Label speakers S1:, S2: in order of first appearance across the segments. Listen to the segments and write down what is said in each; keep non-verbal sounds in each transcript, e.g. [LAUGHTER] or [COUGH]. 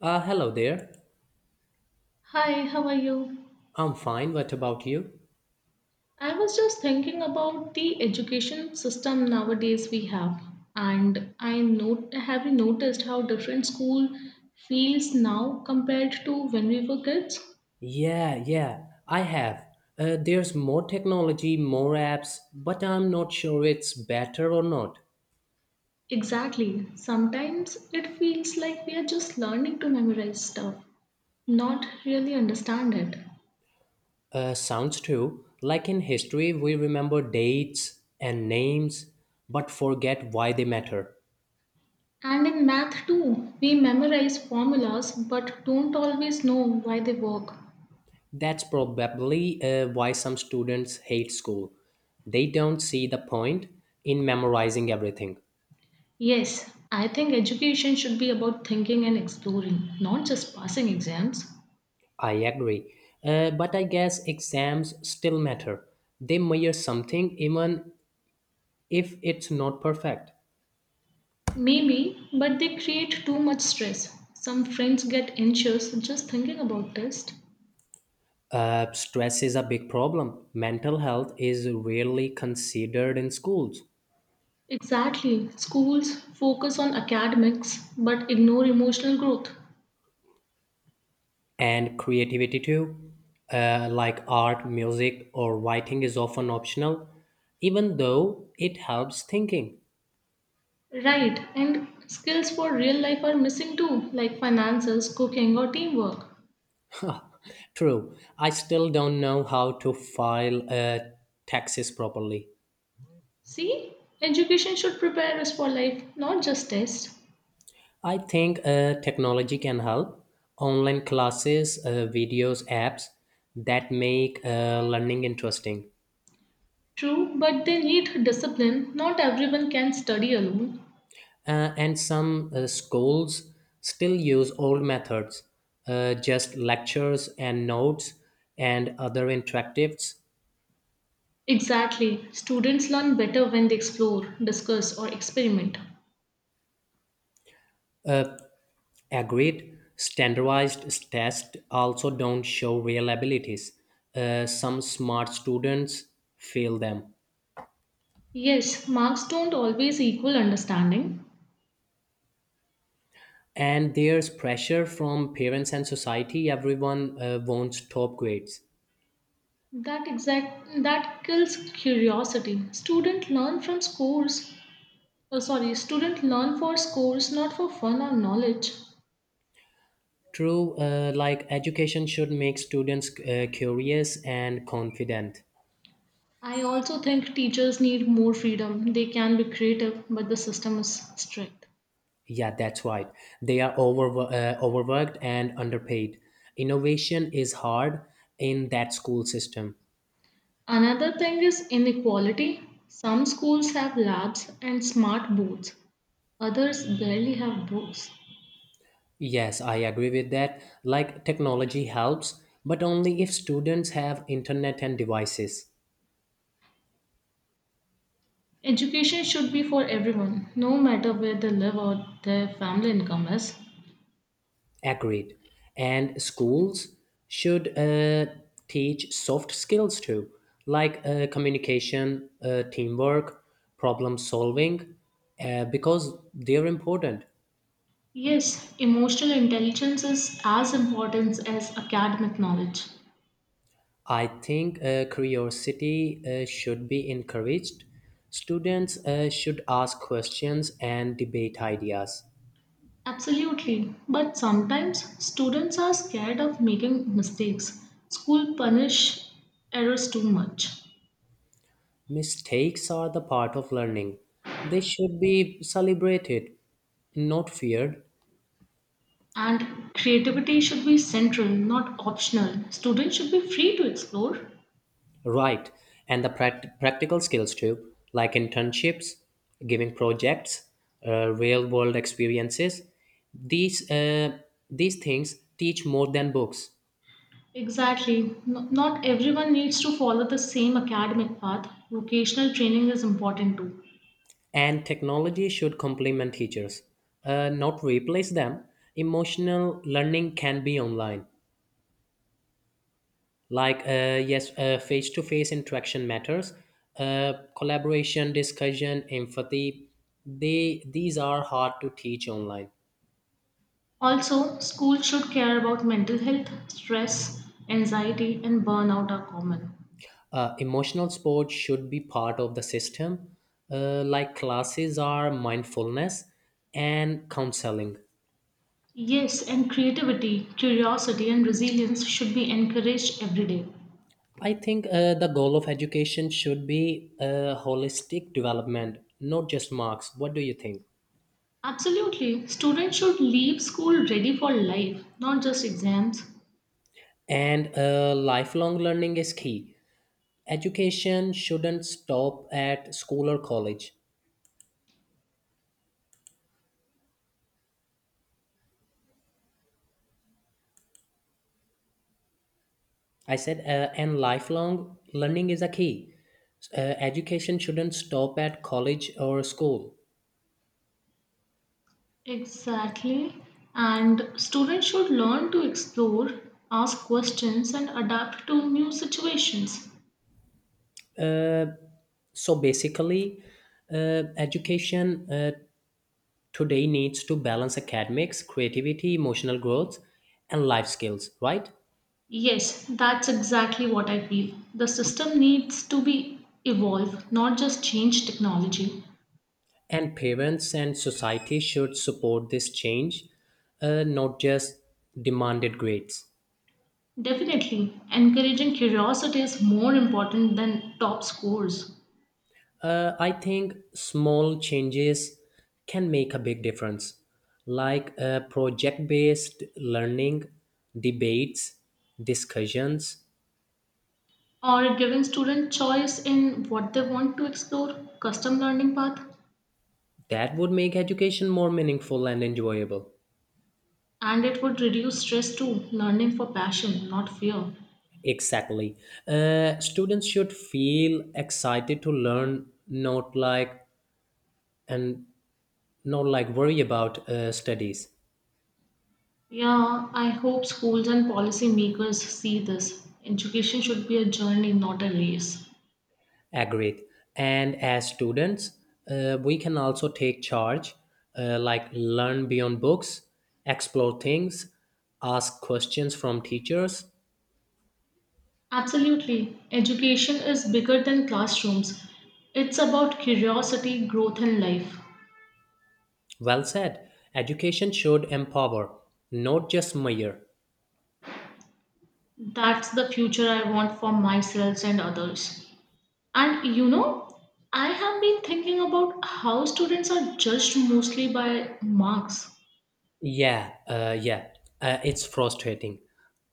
S1: Hello there.
S2: Hi, how are you?
S1: I'm fine. What about you?
S2: I was just thinking about the education system nowadays we have, and I note have you noticed how different school feels now compared to when we were kids?
S1: Yeah, yeah, I have. There's more technology, more apps, but I'm not sure it's better or not.
S2: Exactly. Sometimes it feels like we are just learning to memorize stuff, not really understand it.
S1: Sounds true. Like in history, we remember dates and names, but forget why they matter.
S2: And in math too, we memorize formulas but don't always know why they work.
S1: That's probably why some students hate school. They don't see the point in memorizing everything.
S2: Yes, I think education should be about thinking and exploring, not just passing exams.
S1: I agree. But I guess exams still matter. They measure something even if it's not perfect.
S2: Maybe, but they create too much stress. Some friends get anxious just thinking about tests.
S1: Stress is a big problem. Mental health is rarely considered in schools.
S2: Exactly. Schools focus on academics but ignore emotional growth.
S1: And creativity too, like art, music, or writing is often optional, even though it helps thinking.
S2: Right, and skills for real life are missing too, like finances, cooking, or teamwork.
S1: True, I still don't know how to file taxes properly.
S2: See, education should prepare us for life, not just tests.
S1: I think technology can help. Online classes, videos, apps that make learning interesting.
S2: True, but they need discipline. Not everyone can study alone.
S1: And some schools still use old methods, just lectures and notes and other interactives.
S2: Exactly. Students learn better when they explore, discuss, or experiment.
S1: Uh, agreed, standardized tests also don't show real abilities. Some smart students fail them.
S2: Yes, marks don't always equal understanding.
S1: And there's pressure from parents and society. Everyone wants top grades.
S2: That kills curiosity. Student learn from scores. Oh, sorry, student learn for scores, not for fun or knowledge.
S1: True, like education should make students curious and confident.
S2: I also think teachers need more freedom. They can be creative, but the system is strict.
S1: Yeah, that's right. They are overworked and underpaid. Innovation is hard in that school system.
S2: Another thing is inequality. Some schools have labs and smart boards, others barely have books.
S1: Yes, I agree with that. Like technology helps, but only if students have internet and devices.
S2: Education should be for everyone, no matter where they live or their family income is.
S1: Agreed. And schools should teach soft skills too, like communication, teamwork, problem solving, because they're important.
S2: Yes, emotional intelligence is as important as academic knowledge.
S1: I think curiosity should be encouraged. Students should ask questions and debate ideas.
S2: Absolutely, but sometimes students are scared of making mistakes. School punish errors too much.
S1: Mistakes are the part of learning. They should be celebrated, not feared.
S2: And creativity should be central, not optional. Students should be free to explore.
S1: Right, and the practical skills too, like internships, giving projects, real world experiences. These, uh, these things teach more than books,
S2: Exactly. Not everyone needs to follow the same academic path. Vocational training is important too.
S1: and technology should complement teachers, not replace them. Emotional learning can be online. Like, yes, face to face interaction matters, collaboration, discussion, empathy. These are hard to teach online.
S2: Also, schools should care about mental health, stress, anxiety, and burnout are common.
S1: Emotional sports should be part of the system, like classes are mindfulness and counseling.
S2: Yes, and creativity, curiosity, and resilience should be encouraged every day.
S1: I think the goal of education should be holistic development, not just marks. What do you think?
S2: Absolutely. Students should leave school ready for life, not just exams.
S1: And lifelong learning is key. Education shouldn't stop at school or college. I said, and lifelong learning is a key. Uh, Education shouldn't stop at college or school.
S2: Exactly. And students should learn to explore, ask questions, and adapt to new situations.
S1: So basically, education today needs to balance academics, creativity, emotional growth, and life skills, right?
S2: Yes, that's exactly what I feel. The system needs to be evolved, not just change technology.
S1: And parents and society should support this change, not just demanded grades.
S2: Definitely, encouraging curiosity is more important than top scores.
S1: I think small changes can make a big difference, like project based learning, debates, discussions.
S2: Or giving student choice in what they want to explore, custom learning path,
S1: That would make education more meaningful and enjoyable.
S2: and it would reduce stress too, learning for passion, not fear.
S1: Exactly. Students should feel excited to learn, and not like worry about studies.
S2: Yeah, I hope schools and policymakers see this. Education should be a journey, not a race.
S1: Agreed. And as students, we can also take charge, like learn beyond books, explore things, ask questions from teachers.
S2: Absolutely. Education is bigger than classrooms. It's about curiosity, growth, and life.
S1: Well said. Education should empower, not just measure.
S2: That's the future I want for myself and others. And you know, I have been thinking about how students are judged mostly by marks.
S1: Yeah, it's frustrating.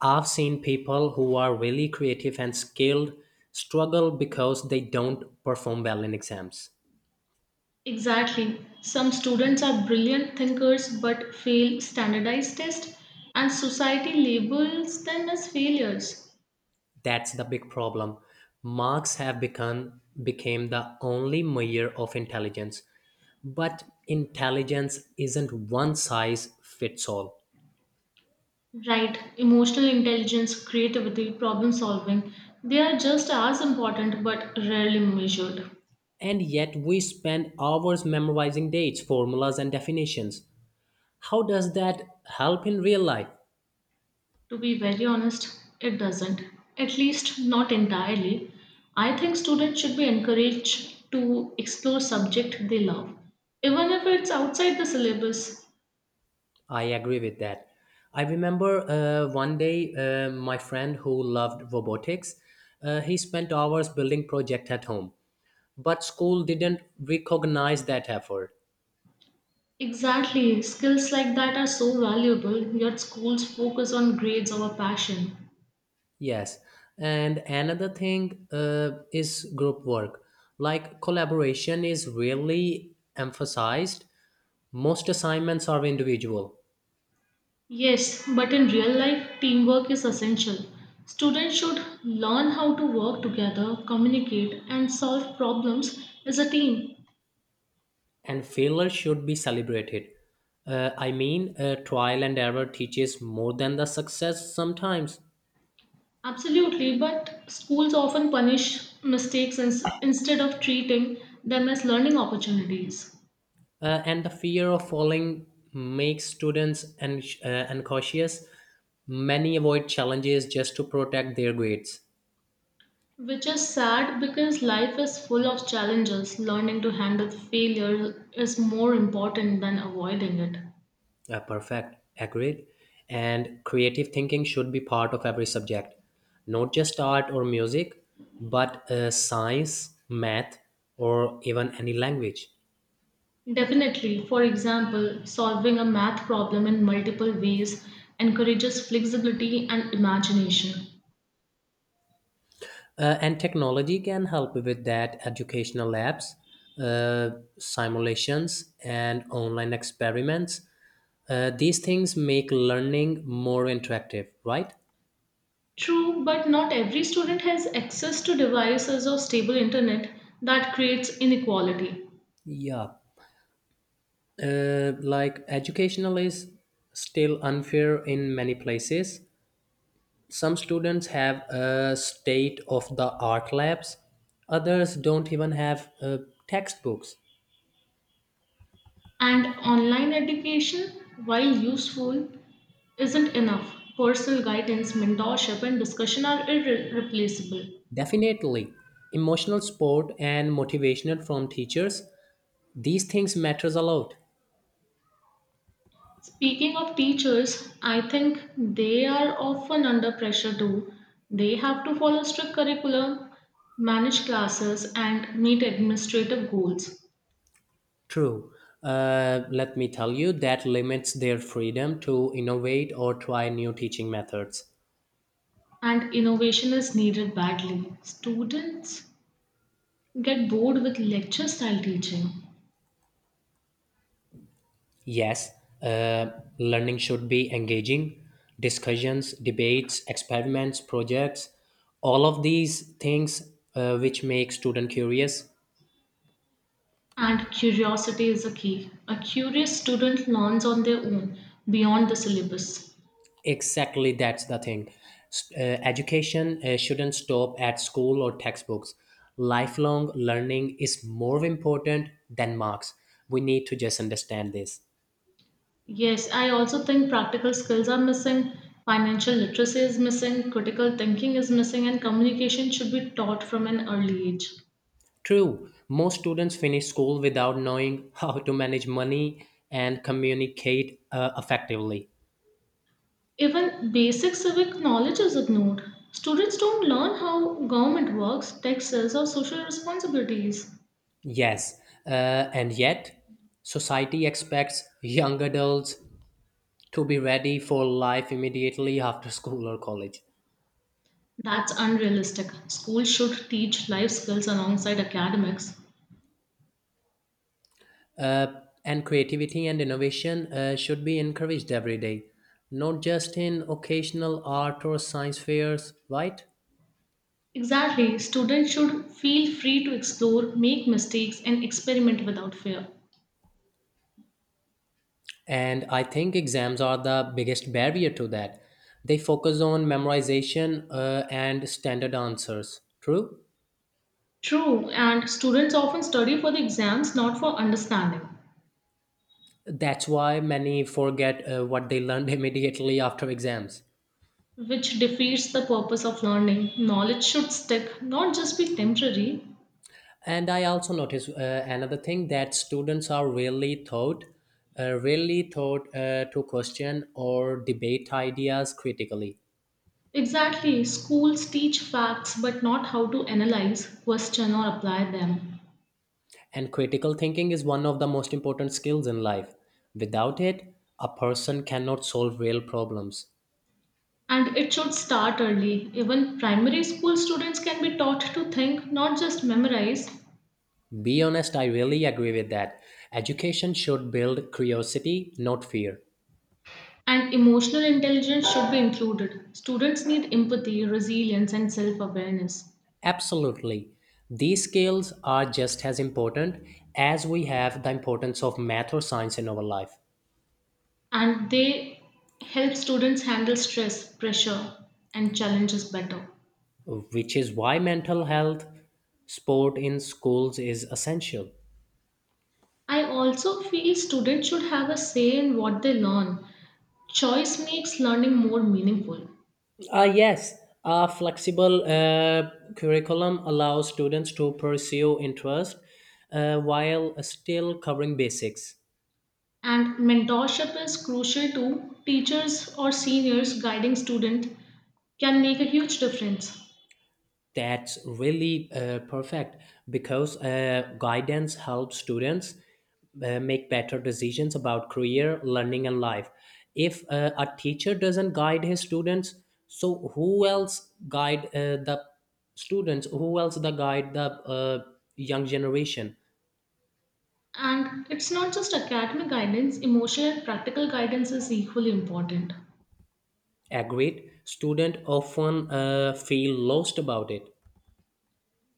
S1: I've seen people who are really creative and skilled struggle because they don't perform well in exams.
S2: Exactly. Some students are brilliant thinkers but fail standardized tests, and society labels them as failures.
S1: That's the big problem. Marks have become became the only measure of intelligence, but intelligence isn't one size fits all.
S2: Right. Emotional intelligence, creativity, problem solving, they are just as important but rarely measured.
S1: And yet we spend hours memorizing dates, formulas, and definitions. How does that help in real life?
S2: To be very honest, it doesn't. At least not entirely. I think students should be encouraged to explore subject they love, even if it's outside the syllabus.
S1: I agree with that. I remember one day my friend who loved robotics, he spent hours building project at home, but school didn't recognize that effort.
S2: Exactly. Skills like that are so valuable, yet schools focus on grades over passion.
S1: Yes, and another thing is group work. Like collaboration is really emphasized. Most assignments are individual,
S2: Yes, but in real life, teamwork is essential. Students should learn how to work together, communicate, and solve problems as a team.
S1: and failure should be celebrated. I mean, trial and error teaches more than the success sometimes.
S2: Absolutely, but schools often punish mistakes instead of treating them as learning opportunities.
S1: And the fear of falling makes students and cautious. Many avoid challenges just to protect their grades.
S2: Which is sad because life is full of challenges. Learning to handle failure is more important than avoiding it.
S1: Perfect, agreed. And creative thinking should be part of every subject, not just art or music, but science, math, or even any language.
S2: Definitely, for example, solving a math problem in multiple ways encourages flexibility and imagination.
S1: And technology can help with that. Educational labs, uh, simulations, and online experiments. These things make learning more interactive, right?
S2: True, but not every student has access to devices or stable internet that creates inequality.
S1: Yeah, like educational is still unfair in many places. Some students have a state of the art labs, others don't even have textbooks.
S2: And online education, while useful, isn't enough. Personal guidance, mentorship, and discussion are irreplaceable.
S1: Definitely, emotional support and motivational from teachers, these things matters a lot.
S2: Speaking of teachers, I think they are often under pressure too. They have to follow strict curriculum, manage classes, and meet administrative goals.
S1: True. Let me tell you that limits their freedom to innovate or try new teaching methods.
S2: And innovation is needed badly. Students get bored with lecture style teaching.
S1: Yes, uh, learning should be engaging. Discussions, debates, experiments, projects, all of these things which make student curious.
S2: And curiosity is a key. A curious student learns on their own, beyond the syllabus.
S1: Exactly, that's the thing. Education shouldn't stop at school or textbooks. Lifelong learning is more important than marks. We need to just understand this.
S2: Yes, I also think practical skills are missing, financial literacy is missing, critical thinking is missing, and communication should be taught from an early age.
S1: True, most students finish school without knowing [LAUGHS] how to manage money and communicate effectively.
S2: Even basic civic knowledge is ignored. Students don't learn how government works, taxes, or social responsibilities.
S1: Yes, uh, and yet society expects young adults to be ready for life immediately after [LAUGHS] school or college.
S2: That's unrealistic. Schools should teach life skills alongside academics.
S1: Uh, and creativity and innovation should be encouraged every day, not just in occasional art or science fairs, right?
S2: Exactly, students should feel free to explore, make mistakes, and experiment without fear.
S1: And I think exams are the biggest barrier to that. They focus on memorization and standard answers. True?
S2: True, and students often study for the exams, not for understanding,
S1: That's why many forget what they learned [LAUGHS] immediately after exams.
S2: which defeats the purpose of learning. Knowledge should stick, not just be temporary.
S1: And I also notice another thing, that students are rarely taught to question or debate ideas critically.
S2: Exactly, schools teach facts but not how to analyze, question, or apply them.
S1: And critical thinking is one of the most important skills in life. Without it, a person cannot solve real problems.
S2: And it should start early. Even primary school students can be taught to think, not just memorize.
S1: Be honest, I really agree with that. Education should build curiosity, not fear.
S2: And emotional intelligence should be included. Students need empathy, resilience, and self awareness.
S1: Absolutely. These skills are just as important as we have the importance of math or science in our life,
S2: And they help students handle stress, pressure, and challenges better.
S1: which is why mental health sport in schools is essential.
S2: I also feel students should have a say in what they learn. Choice makes learning more meaningful,
S1: Yes, a flexible curriculum allows students to pursue interest while still covering basics.
S2: and mentorship is crucial too. Teachers or seniors guiding students can make a huge difference.
S1: That's really perfect, because guidance helps students make better decisions about career, learning, and life. If a teacher doesn't guide his students, so who else guide the students? Who else the guide the young generation?
S2: And it's not just academic guidance, emotional and practical guidance is equally important.
S1: Agreed. Student often feel lost about it.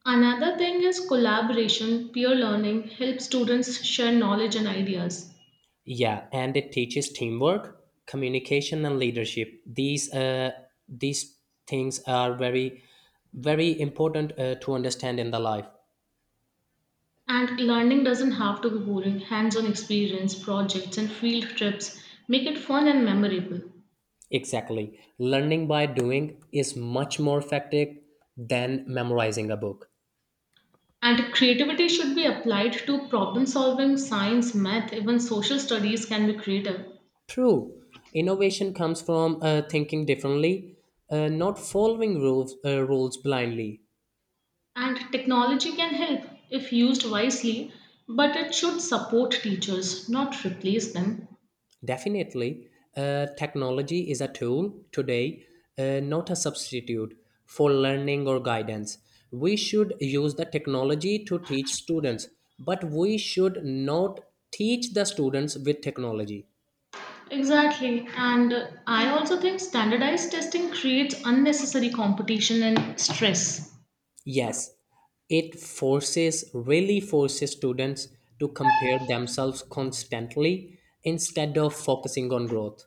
S2: Another thing is collaboration, peer learning helps students share knowledge and ideas.
S1: Yeah, and it teaches teamwork, communication, and leadership. These things are very important to understand in the life.
S2: And learning doesn't have to be boring. Hands on experience, projects, and field trips make it fun and memorable.
S1: Exactly, learning by doing is much more effective than memorizing a book.
S2: And creativity should be applied to problem solving, science, math, even social studies can be creative.
S1: True, innovation comes from thinking differently, not following rules blindly.
S2: And technology can help if used wisely, but it should support teachers, not replace them.
S1: Definitely, technology is a tool today, not a substitute for learning or guidance. We should use the technology to teach students, but we should not teach the students with technology.
S2: Exactly. And I also think standardized testing creates unnecessary competition and stress.
S1: Yes, really forces students to compare themselves constantly instead of focusing on growth.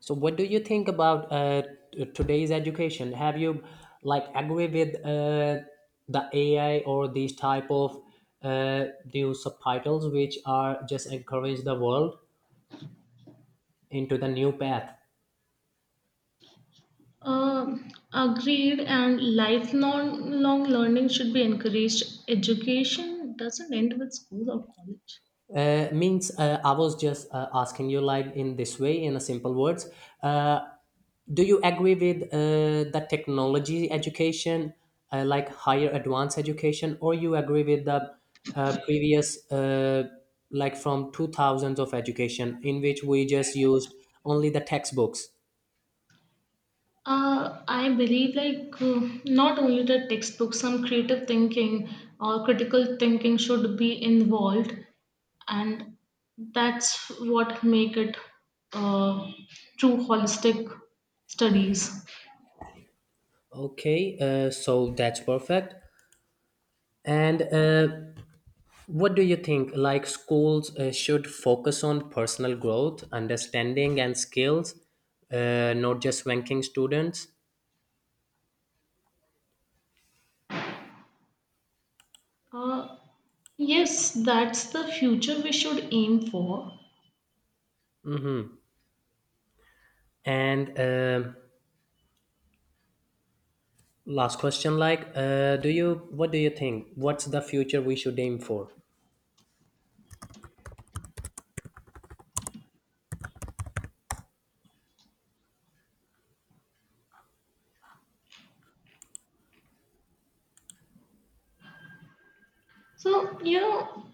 S1: So, what do you think about today's education? Have you like agree with the AI or these type of uh, new subtitles which are just encourage the world into the new path?
S2: Uh, Agreed, and lifelong long learning should be encouraged. Education doesn't end with school or college.
S1: Means I was just asking you like in this way in a simple words. Uh, Do you agree with the technology education, like higher advanced education, or you agree with the previous, like from 2000s of education, in which we just used only the textbooks?
S2: I believe not only the textbook, some creative thinking or critical thinking should be involved, and that's what make it uh, true holistic studies.
S1: Okay, so that's perfect. And what do you think? Like schools should focus on personal growth, understanding, and skills, not just ranking students.
S2: Uh, yes, that's the future we should aim for.
S1: And last question, like, do you what do you think? What's the future we should aim for?
S2: So, you know,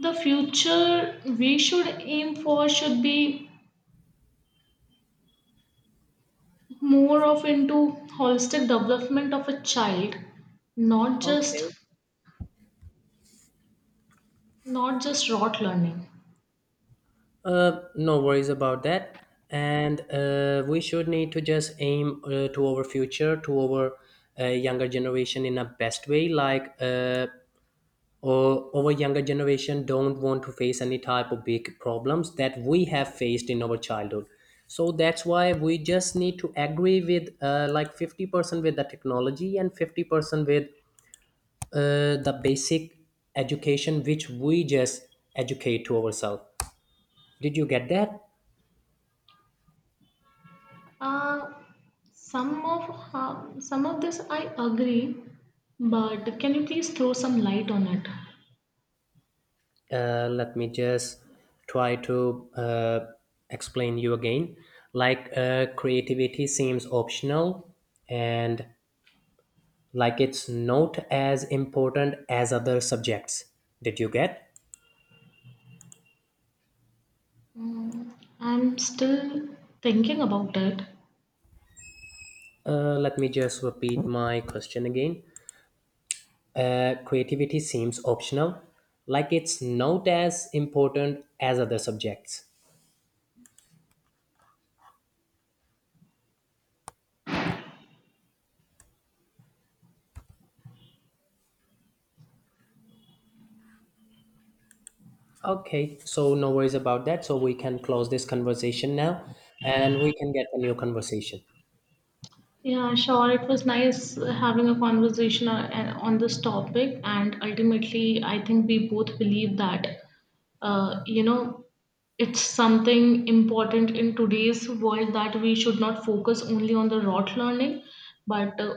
S2: the future we should aim for should be more of into holistic development of a child, not just
S1: Okay.
S2: rote learning.
S1: No worries about that. And we should need to just aim to our future, to our younger generation in a best way. Like, or our younger generation don't want to face any type of big problems that we have faced in our childhood. So that's why we just need to agree with like 50% with the technology and 50% with the basic education which we just educate to ourselves. Did you get that?
S2: uh, some of this I agree, but can you please throw some light on it?
S1: Let me just try to explain you again. Like creativity seems optional and like it's not as important as other subjects. Did you get?
S2: Mm, I'm still thinking about it.
S1: Let me just repeat my question again. Creativity seems optional, like it's not as important as other subjects. Okay, so no worries about that. So we can close this conversation now and we can get a new conversation.
S2: Yeah, sure. It was nice having a conversation on this topic, and ultimately I think we both believe that, you know, it's something important in today's world that we should not focus only on the rote learning, but